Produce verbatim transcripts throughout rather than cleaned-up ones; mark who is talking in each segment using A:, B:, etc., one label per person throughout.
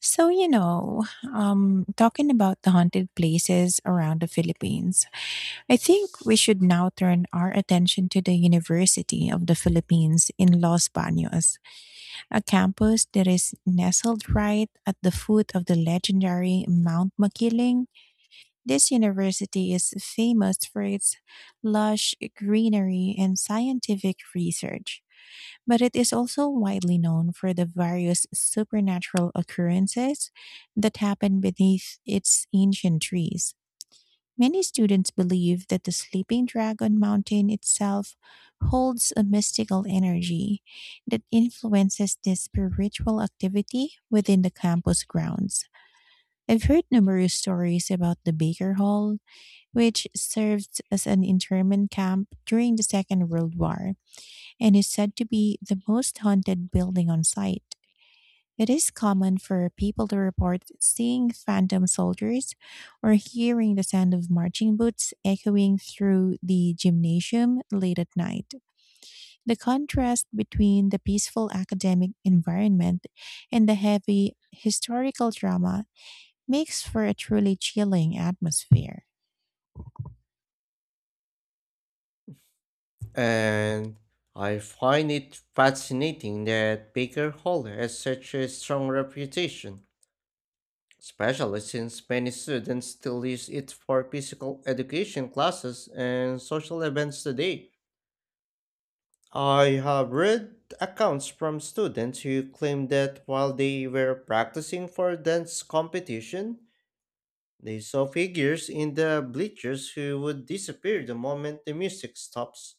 A: So, you know, um, talking about the haunted places around the Philippines, I think we should now turn our attention to the University of the Philippines in Los Baños, a campus that is nestled right at the foot of the legendary Mount Makiling. This university is famous for its lush greenery and scientific research, but it is also widely known for the various supernatural occurrences that happen beneath its ancient trees. Many students believe that the sleeping dragon mountain itself holds a mystical energy that influences this spiritual activity within the campus grounds. I've heard numerous stories about the Baker Hall, which served as an internment camp during the Second World War and is said to be the most haunted building on site. It is common for people to report seeing phantom soldiers or hearing the sound of marching boots echoing through the gymnasium late at night. The contrast between the peaceful academic environment and the heavy historical drama makes for a truly chilling atmosphere.
B: And I find it fascinating that Baker Hall has such a strong reputation, especially since many students still use it for physical education classes and social events today. I have read accounts from students who claim that while they were practicing for dance competition, they saw figures in the bleachers who would disappear the moment the music stops.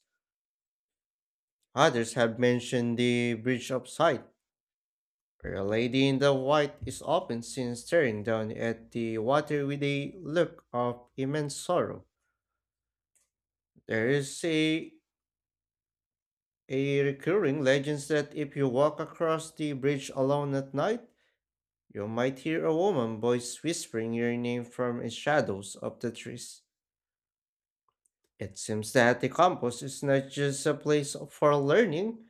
B: Others have mentioned the Bridge of Sight where a lady in the white is often seen staring down at the water with a look of immense sorrow. There is a, a recurring legend that if you walk across the bridge alone at night, you might hear a woman's voice whispering your name from the shadows of the trees. It seems that the campus is not just a place for learning,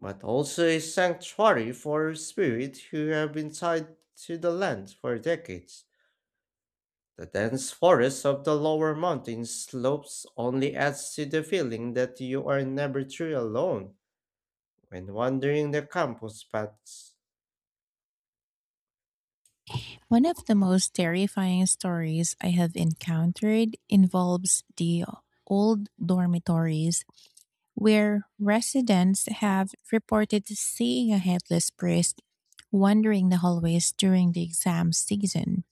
B: but also a sanctuary for spirits who have been tied to the land for decades. The dense forests of the lower mountain slopes only adds to the feeling that you are never truly alone. When wandering the campus paths,
A: One of the most terrifying stories I have encountered involves the old dormitories, where residents have reported seeing a headless priest wandering the hallways during the exam season.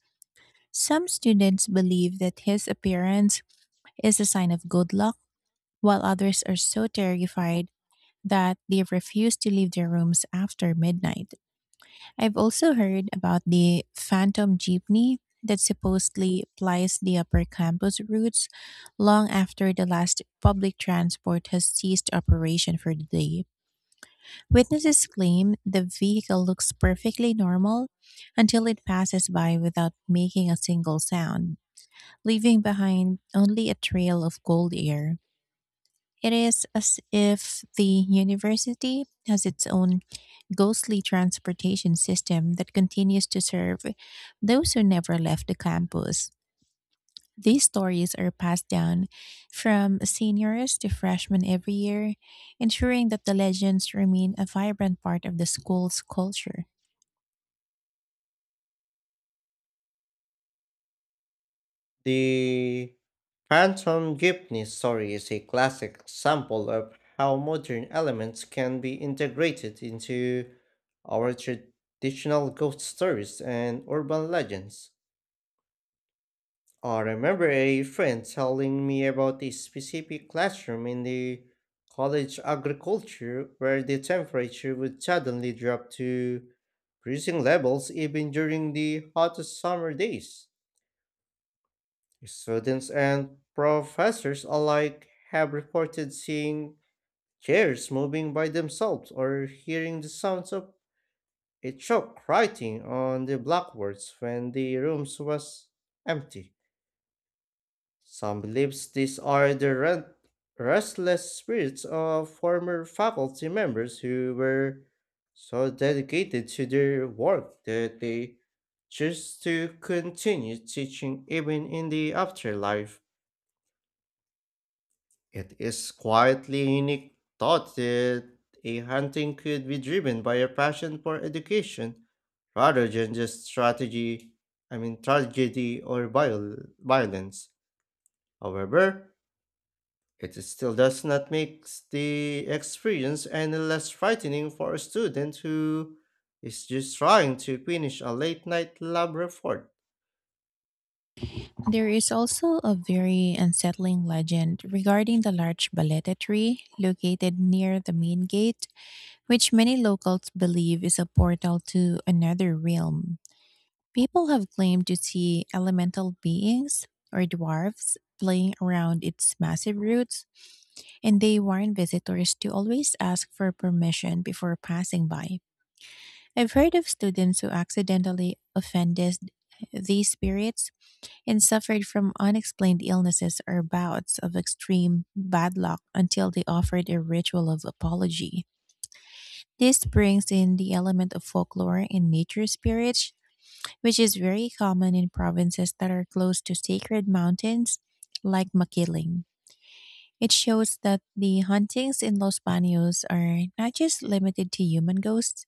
A: Some students believe that his appearance is a sign of good luck, while others are so terrified that they refuse to leave their rooms after midnight. I've also heard about the Phantom Jeepney that supposedly plies the upper campus routes long after the last public transport has ceased operation for the day. Witnesses claim the vehicle looks perfectly normal until it passes by without making a single sound, leaving behind only a trail of cold air. It is as if the university has its own ghostly transportation system that continues to serve those who never left the campus. These stories are passed down from seniors to freshmen every year, ensuring that the legends remain a vibrant part of the school's culture.
B: the Phantom Jeepney story is a classic example of how modern elements can be integrated into our traditional ghost stories and urban legends. Uh, I remember a friend telling me about a specific classroom in the college agriculture where the temperature would suddenly drop to freezing levels even during the hottest summer days. Students and professors alike have reported seeing chairs moving by themselves or hearing the sounds of a chalk writing on the blackboards when the rooms was empty. Some believes these are the re- restless spirits of former faculty members who were so dedicated to their work that they choose to continue teaching even in the afterlife. It is quietly unique thought that a hunting could be driven by a passion for education rather than just strategy, I mean tragedy or viol- violence. However, it still does not make the experience any less frightening for a student who is just trying to finish a late night lab report.
A: There is also a very unsettling legend regarding the large baleta tree located near the main gate, which many locals believe is a portal to another realm. People have claimed to see elemental beings or dwarfs playing around its massive roots, and they warn visitors to always ask for permission before passing by. I've heard of students who accidentally offended these spirits and suffered from unexplained illnesses or bouts of extreme bad luck until they offered a ritual of apology. This brings in the element of folklore and nature spirits, which is very common in provinces that are close to sacred mountains, like Makiling. It shows that the hauntings in Los Baños are not just limited to human ghosts,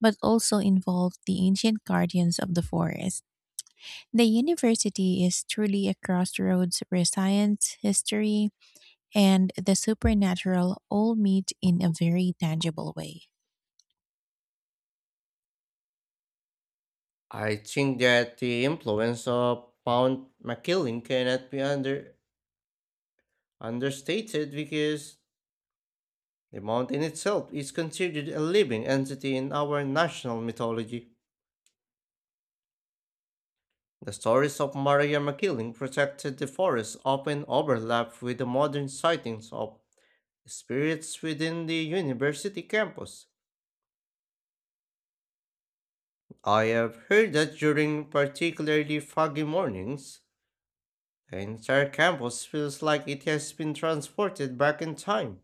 A: but also involve the ancient guardians of the forest. The university is truly a crossroads where science, history, and the supernatural all meet in a very tangible way.
B: I think that the influence of Mount McKinley cannot be under, understated because the mountain itself is considered a living entity in our national mythology. The stories of Maria McKinley protected the forest often overlap with the modern sightings of spirits within the university campus. I have heard that during particularly foggy mornings, the entire campus feels like it has been transported back in time,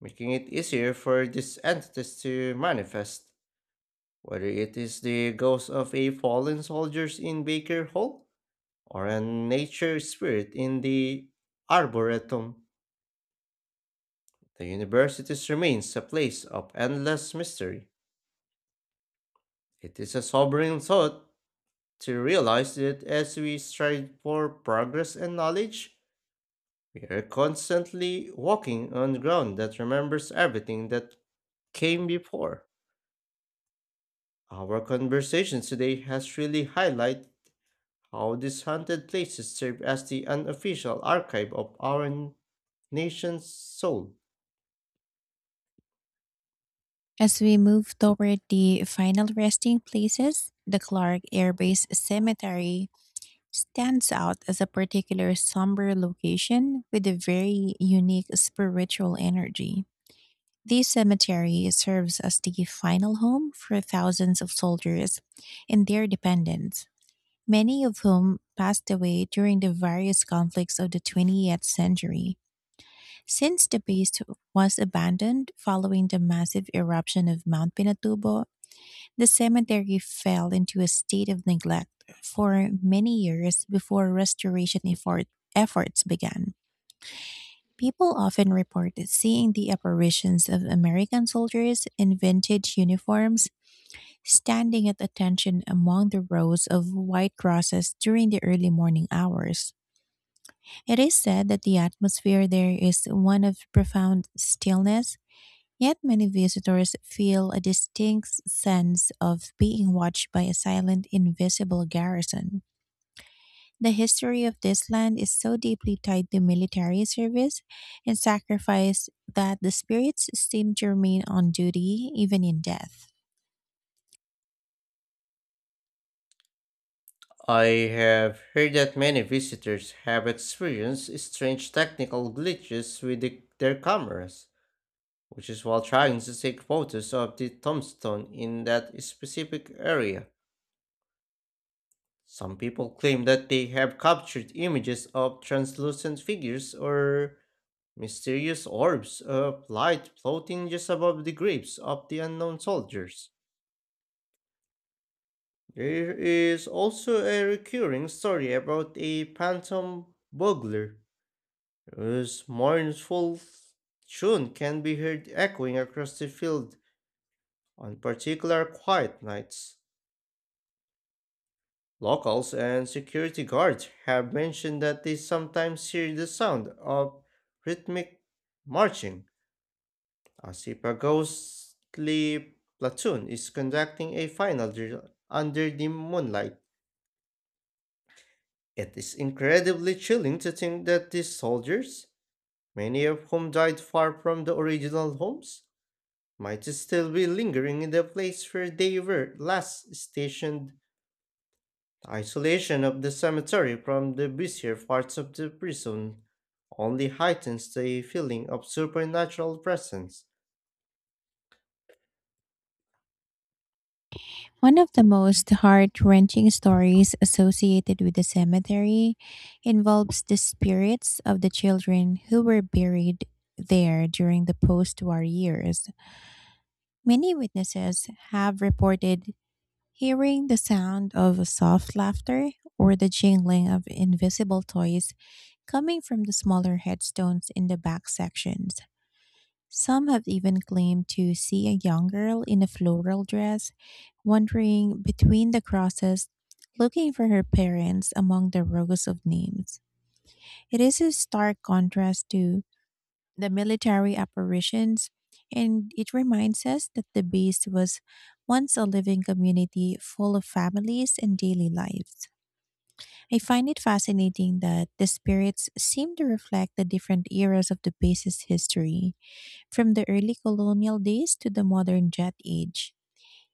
B: making it easier for these entities to manifest. Whether it is the ghost of a fallen soldiers in Baker Hall or a nature spirit in the Arboretum, the university's remains a place of endless mystery. It is a sobering thought to realize that as we strive for progress and knowledge, we are constantly walking on ground that remembers everything that came before. Our conversation today has really highlighted how these haunted places serve as the unofficial archive of our n- nation's soul.
A: As we move toward the final resting places, the Clark Air Base Cemetery stands out as a particular somber location with a very unique spiritual energy. This cemetery serves as the final home for thousands of soldiers and their dependents, many of whom passed away during the various conflicts of the twentieth century. Since the base was abandoned following the massive eruption of Mount Pinatubo, the cemetery fell into a state of neglect for many years before restoration effort, efforts began. People often report seeing the apparitions of American soldiers in vintage uniforms standing at attention among the rows of white crosses during the early morning hours. It is said that the atmosphere there is one of profound stillness. Yet many visitors feel a distinct sense of being watched by a silent, invisible garrison. The history of this land is so deeply tied to military service and sacrifice that the spirits seem to remain on duty even in death.
B: I have heard that many visitors have experienced strange technical glitches with the- their cameras which is while trying to take photos of the tombstone in that specific area. Some people claim that they have captured images of translucent figures or mysterious orbs of light floating just above the graves of the unknown soldiers. There is also a recurring story about a phantom burglar whose mournful tune can be heard echoing across the field on particular quiet nights. Locals and security guards have mentioned that they sometimes hear the sound of rhythmic marching, as if a ghostly platoon is conducting a final drill under the moonlight. It is incredibly chilling to think that these soldiers, many of whom died far from the original homes, might still be lingering in the place where they were last stationed. The isolation of the cemetery from the busier parts of the prison only heightens the feeling of supernatural presence.
A: One of the most heart wrenching stories associated with the cemetery involves the spirits of the children who were buried there during the post war years. Many witnesses have reported hearing the sound of soft laughter or the jingling of invisible toys coming from the smaller headstones in the back sections. Some have even claimed to see a young girl in a floral dress wandering between the crosses, looking for her parents among the rows of names. It is a stark contrast to the military apparitions, and it reminds us that the base was once a living community full of families and daily lives. I find it fascinating that the spirits seem to reflect the different eras of the base's history, from the early colonial days to the modern jet age.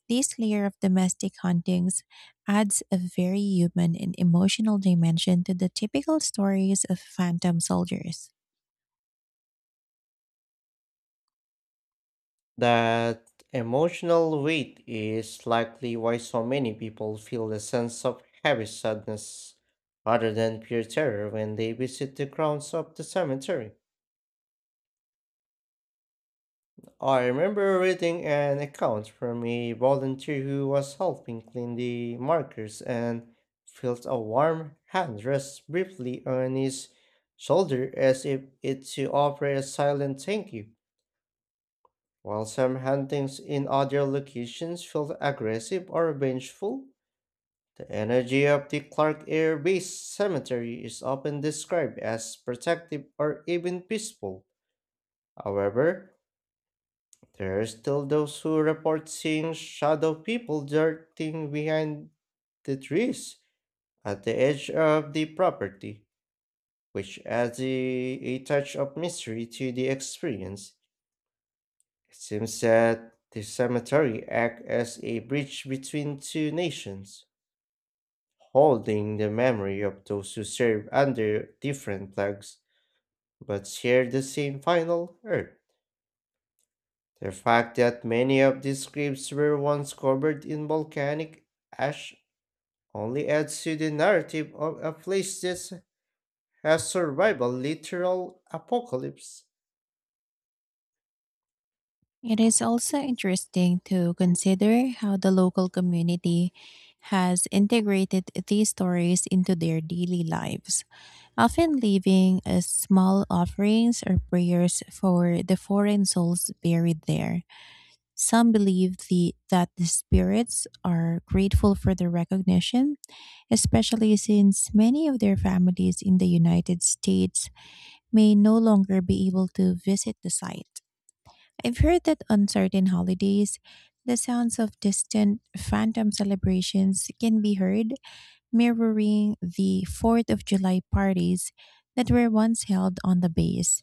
A: This layer of domestic hauntings adds a very human and emotional dimension to the typical stories of phantom soldiers.
B: That emotional weight is likely why so many people feel a sense of heavy sadness rather than pure terror when they visit the grounds of the cemetery. I remember reading an account from a volunteer who was helping clean the markers and felt a warm hand rest briefly on his shoulder as if it to offer a silent thank you. While some hauntings in other locations felt aggressive or vengeful, the energy of the Clark Air Base Cemetery is often described as protective or even peaceful. However, there are still those who report seeing shadow people darting behind the trees at the edge of the property, which adds a, a touch of mystery to the experience. It seems that the cemetery acts as a bridge between two nations, holding the memory of those who serve under different flags but share the same final earth. The fact that many of these graves were once covered in volcanic ash only adds to the narrative of a place that has survived a literal apocalypse.
A: It is also interesting to consider how the local community has integrated these stories into their daily lives, often leaving as small offerings or prayers for the foreign souls buried there. Some believe the, that the spirits are grateful for the recognition, especially since many of their families in the United States may no longer be able to visit the site. I've heard that on certain holidays, the sounds of distant phantom celebrations can be heard, mirroring the fourth of July parties that were once held on the base.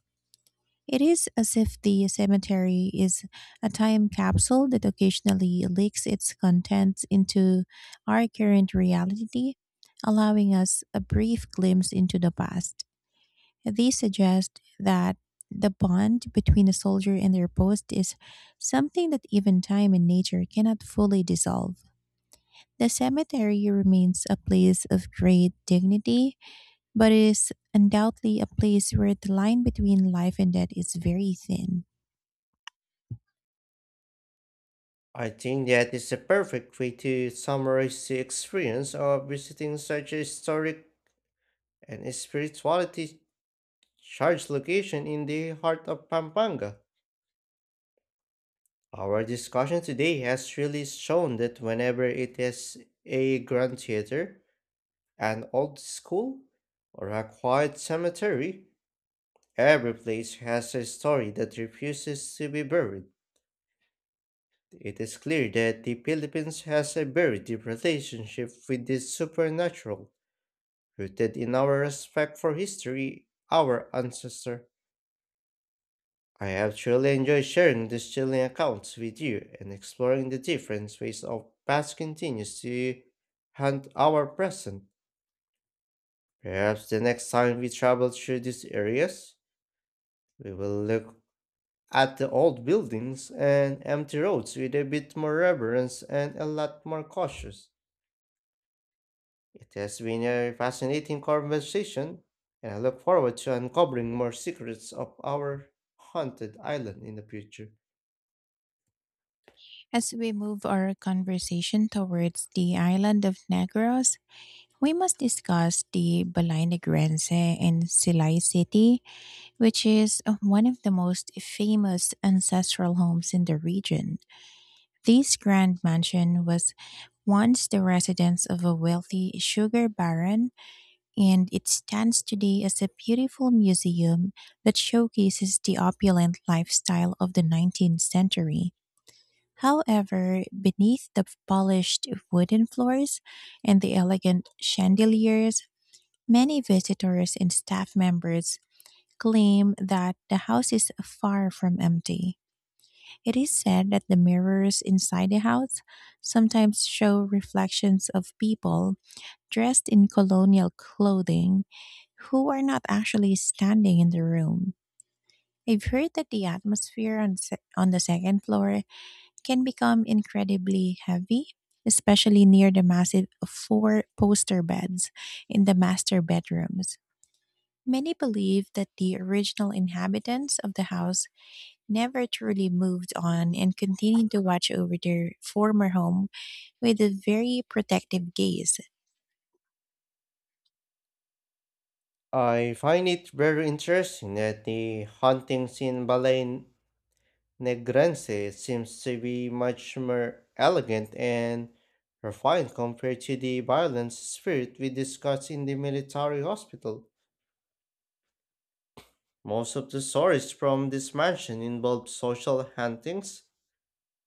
A: It is as if the cemetery is a time capsule that occasionally leaks its contents into our current reality, allowing us a brief glimpse into the past. These suggest that the bond between a soldier and their post is something that even time and nature cannot fully dissolve. The cemetery remains a place of great dignity, but is undoubtedly a place where the line between life and death is very thin.
B: I think that is a perfect way to summarize the experience of visiting such a historic and spirituality charged location in the heart of Pampanga. Our discussion today has really shown that whenever it is a grand theater, an old school, or a quiet cemetery, every place has a story that refuses to be buried. It is clear that the Philippines has a very deep relationship with the supernatural, rooted in our respect for history, our ancestor. I have truly enjoyed sharing these chilling accounts with you and exploring the different ways our past continues to haunt our present. Perhaps the next time we travel through these areas, we will look at the old buildings and empty roads with a bit more reverence and a lot more cautious. It has been a fascinating conversation, and I look forward to uncovering more secrets of our haunted island in the future.
A: As we move our conversation towards the island of Negros, we must discuss the Balay Negrense in Silay City, which is uh, one of the most famous ancestral homes in the region. This grand mansion was once the residence of a wealthy sugar baron, and it stands today as a beautiful museum that showcases the opulent lifestyle of the nineteenth century. However, beneath the polished wooden floors and the elegant chandeliers, many visitors and staff members claim that the house is far from empty. It is said that the mirrors inside the house sometimes show reflections of people dressed in colonial clothing who are not actually standing in the room. I've heard that the atmosphere on, se- on the second floor can become incredibly heavy, especially near the massive four poster beds in the master bedrooms. Many believe that the original inhabitants of the house never truly moved on and continued to watch over their former home with a very protective gaze.
B: I find it very interesting that the haunting in Balay Negrense seems to be much more elegant and refined compared to the violent spirit we discussed in the military hospital. Most of the stories from this mansion involve social hauntings,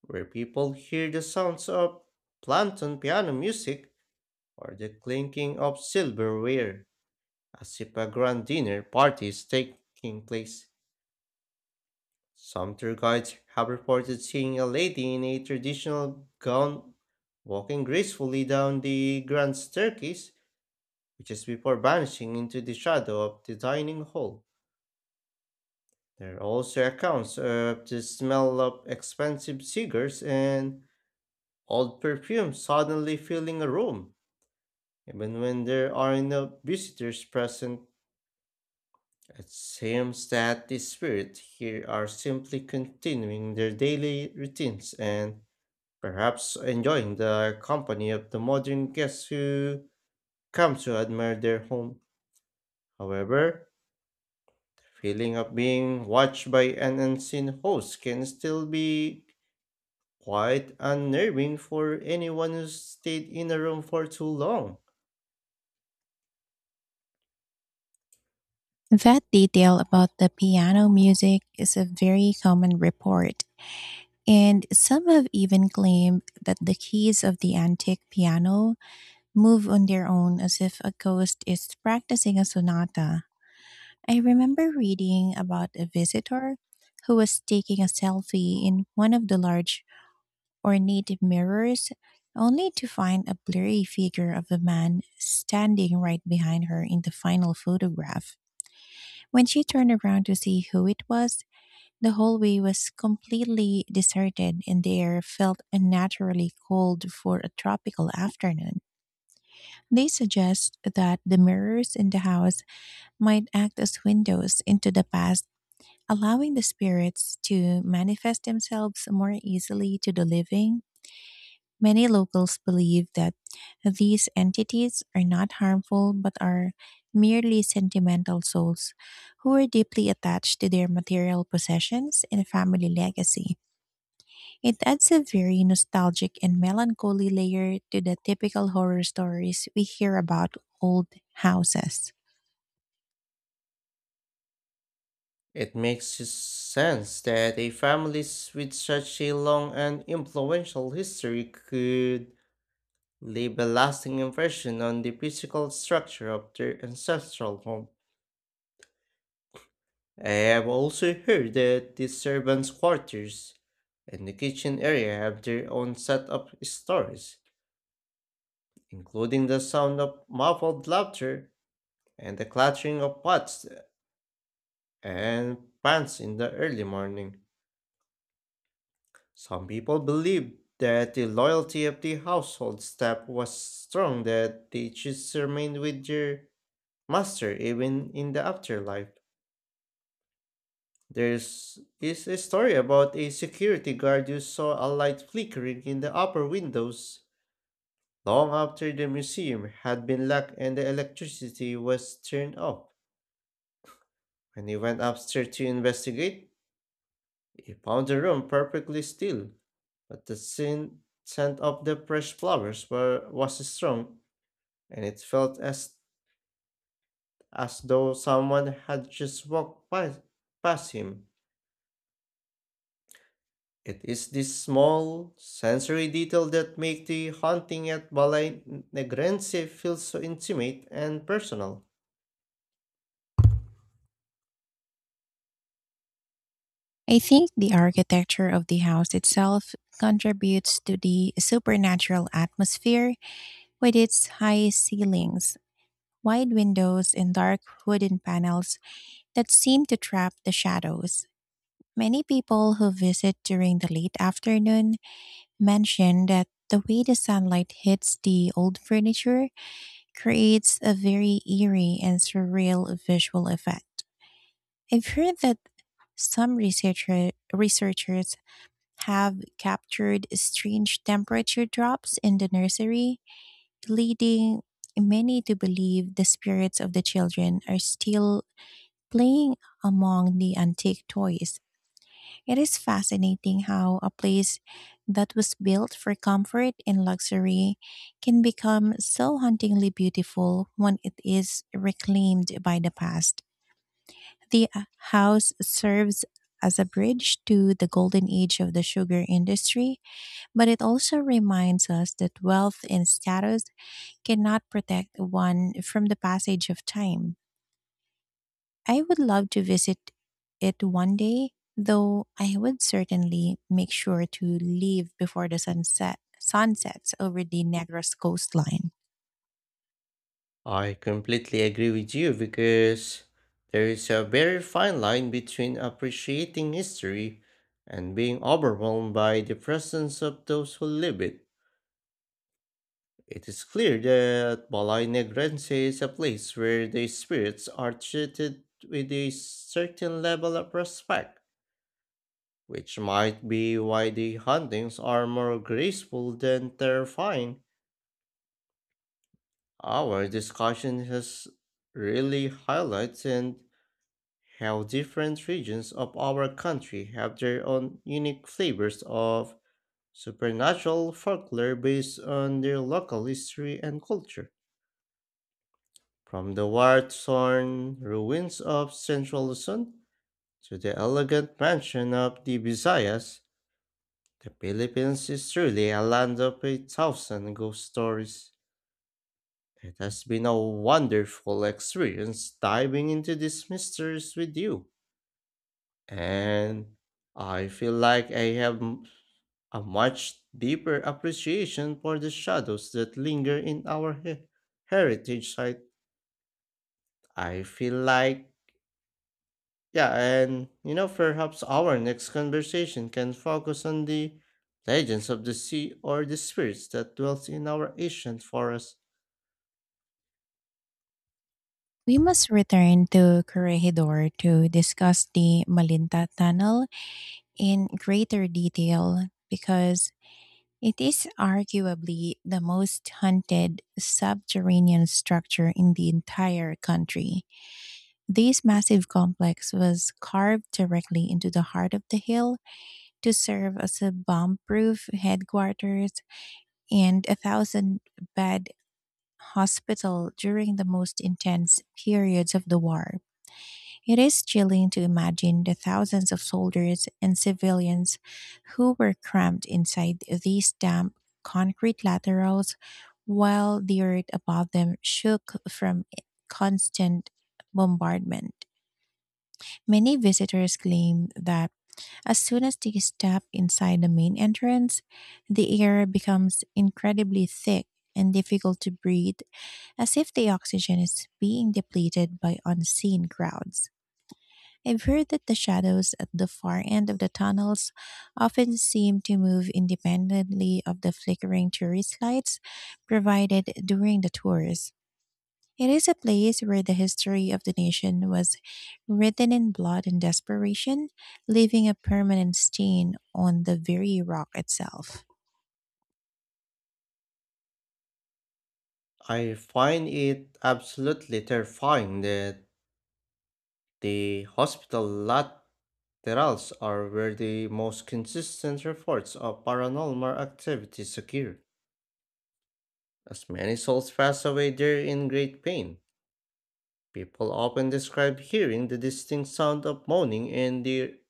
B: where people hear the sounds of plankton piano music or the clinking of silverware, as if a grand dinner party is taking place. Some tour guides have reported seeing a lady in a traditional gown walking gracefully down the grand staircase, which is before vanishing into the shadow of the dining hall. There are also accounts uh, of the smell of expensive cigars and old perfume suddenly filling a room, even when there are no visitors present. It seems that the spirits here are simply continuing their daily routines and perhaps enjoying the company of the modern guests who come to admire their home. However, the feeling of being watched by an unseen host can still be quite unnerving for anyone who's stayed in a room for too long.
A: That detail about the piano music is a very common report, and some have even claimed that the keys of the antique piano move on their own as if a ghost is practicing a sonata. I remember reading about a visitor who was taking a selfie in one of the large or native mirrors, only to find a blurry figure of a man standing right behind her in the final photograph. When she turned around to see who it was, the hallway was completely deserted and the air felt unnaturally cold for a tropical afternoon. They suggest that the mirrors in the house might act as windows into the past, allowing the spirits to manifest themselves more easily to the living. Many locals believe that these entities are not harmful, but are merely sentimental souls who are deeply attached to their material possessions and family legacy. It adds a very nostalgic and melancholy layer to the typical horror stories we hear about old houses.
B: It makes s- sense that a family s- with such a long and influential history could leave a lasting impression on the physical structure of their ancestral home. I have also heard that the servants' quarters and the kitchen area have their own set of stories, including the sound of muffled laughter and the clattering of pots and pants in the early morning. Some people believed that the loyalty of the household staff was strong that they choose to remain with their master even in the afterlife. There is is a story about a security guard who saw a light flickering in the upper windows long after the museum had been locked and the electricity was turned off. When he went upstairs to investigate, he found the room perfectly still, but the scent, scent of the fresh flowers were, was strong, and it felt as, as though someone had just walked by, past him. It is this small sensory detail that make the haunting at Balay Negrense feel so intimate and personal.
A: I think the architecture of the house itself contributes to the supernatural atmosphere, with its high ceilings, wide windows and dark wooden panels that seem to trap the shadows. Many people who visit during the late afternoon mention that the way the sunlight hits the old furniture creates a very eerie and surreal visual effect. I've heard that some researcher, researchers have captured strange temperature drops in the nursery, leading many to believe the spirits of the children are still playing among the antique toys. It is fascinating how a place that was built for comfort and luxury can become so hauntingly beautiful when it is reclaimed by the past. The uh, house serves as a bridge to the golden age of the sugar industry, but it also reminds us that wealth and status cannot protect one from the passage of time. I would love to visit it one day, though I would certainly make sure to leave before the sunset sunsets over the Negros coastline.
B: I completely agree with you because there is a very fine line between appreciating history and being overwhelmed by the presence of those who live it. It is clear that Balay Negrense is a place where the spirits are treated with a certain level of respect, which might be why the hauntings are more graceful than terrifying. Our discussion has really highlighted how different regions of our country have their own unique flavors of supernatural folklore based on their local history and culture. From the war torn ruins of central Luzon to the elegant mansion of the Visayas, the Philippines is truly a land of a thousand ghost stories. It has been a wonderful experience diving into these mysteries with you. And I feel like I have m- a much deeper appreciation for the shadows that linger in our he- heritage site. I feel like, yeah, and you know, perhaps our next conversation can focus on the legends of the sea or the spirits that dwells in our ancient forest.
A: We must return to Corregidor to discuss the Malinta Tunnel in greater detail, because it is arguably the most hunted subterranean structure in the entire country. This massive complex was carved directly into the heart of the hill to serve as a bomb proof headquarters and a thousand bed hospital during the most intense periods of the war. It is chilling to imagine the thousands of soldiers and civilians who were cramped inside these damp concrete laterals while the earth above them shook from constant bombardment. Many visitors claim that as soon as they step inside the main entrance, the air becomes incredibly thick and difficult to breathe, as if the oxygen is being depleted by unseen crowds. I've heard that the shadows at the far end of the tunnels often seem to move independently of the flickering tourist lights provided during the tours. It is a place where the history of the nation was written in blood and desperation, leaving a permanent stain on the very rock itself.
B: I find it absolutely terrifying that the hospital laterals are where the most consistent reports of paranormal activities occur. As many souls pass away there in great pain, people often describe hearing the distinct sound of moaning and the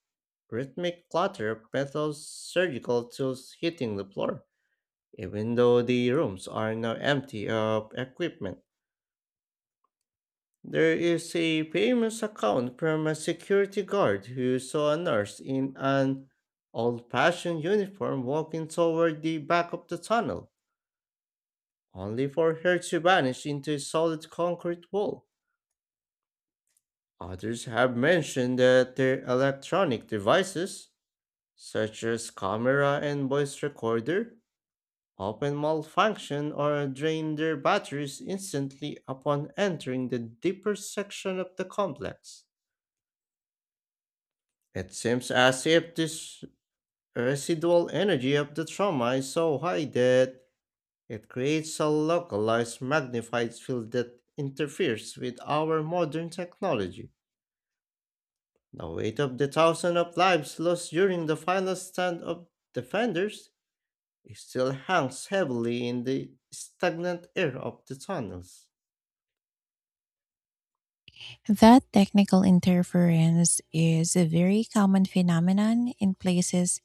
B: rhythmic clatter of metal surgical tools hitting the floor, even though the rooms are now empty of equipment. There is a famous account from a security guard who saw a nurse in an old fashioned uniform walking toward the back of the tunnel, only for her to vanish into a solid concrete wall. Others have mentioned that their electronic devices, such as camera and voice recorder, often malfunction or drain their batteries instantly upon entering the deeper section of the complex. It seems as if this residual energy of the trauma is so high that it creates a localized magnified field that interferes with our modern technology. The weight of the thousands of lives lost during the final stand of defenders still hangs heavily in the stagnant air of the tunnels.
A: That technical interference is a very common phenomenon in places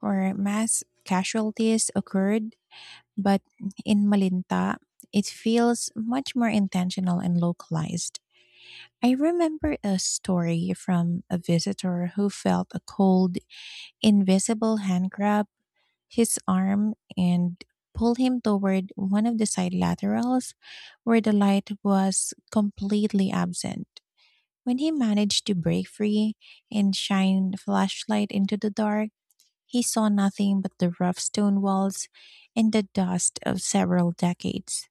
A: where mass casualties occurred, but in Malinta, it feels much more intentional and localized. I remember a story from a visitor who felt a cold, invisible hand grab his arm and pulled him toward one of the side laterals, where the light was completely absent. When he managed to break free and shine the flashlight into the dark, he saw nothing but the rough stone walls and the dust of several decades.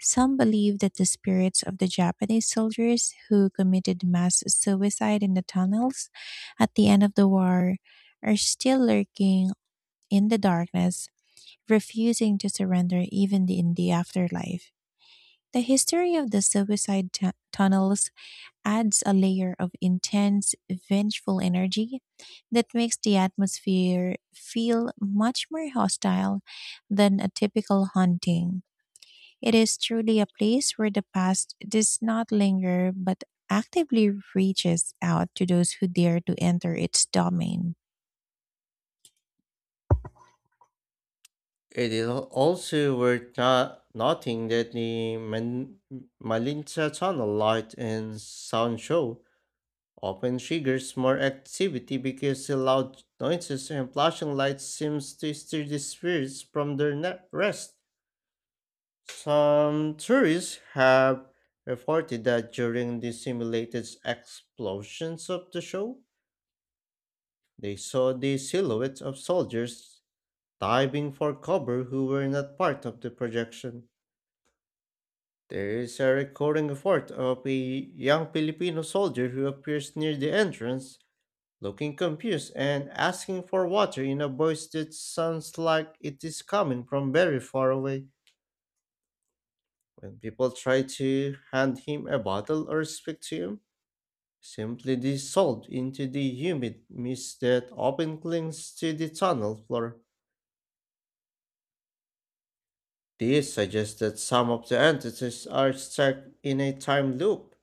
A: Some believe that the spirits of the Japanese soldiers who committed mass suicide in the tunnels at the end of the war are still lurking in the darkness, refusing to surrender even in the afterlife. The history of the suicide tu- tunnels adds a layer of intense, vengeful energy that makes the atmosphere feel much more hostile than a typical haunting. It is truly a place where the past does not linger but actively reaches out to those who dare to enter its domain.
B: It is al- also worth no- noting that the Man- Malinta Tunnel light and sound show often triggers more activity because the loud noises and flashing lights seems to stir the spirits from their na- rest. Some tourists have reported that during the simulated explosions of the show, they saw the silhouettes of soldiers diving for cover who were not part of the projection. There is a recording effort of a young Filipino soldier who appears near the entrance looking confused and asking for water in a voice that sounds like it is coming from very far away. When people try to hand him a bottle or speak to him, simply dissolved into the humid mist that often clings to the tunnel floor. This suggests that some of the entities are stuck in a time loop,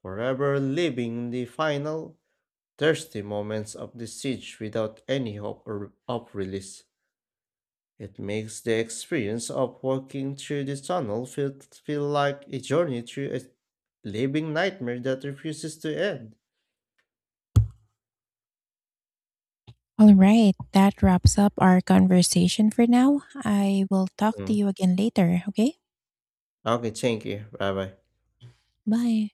B: forever living the final, thirsty moments of the siege without any hope or- of release. It makes the experience of walking through the tunnel feel, feel like a journey through a living nightmare that refuses to end.
A: All right, that wraps up our conversation for now. I will talk to
B: Mm.
A: you again later, okay?
B: Okay, thank you. Bye bye.
A: Bye.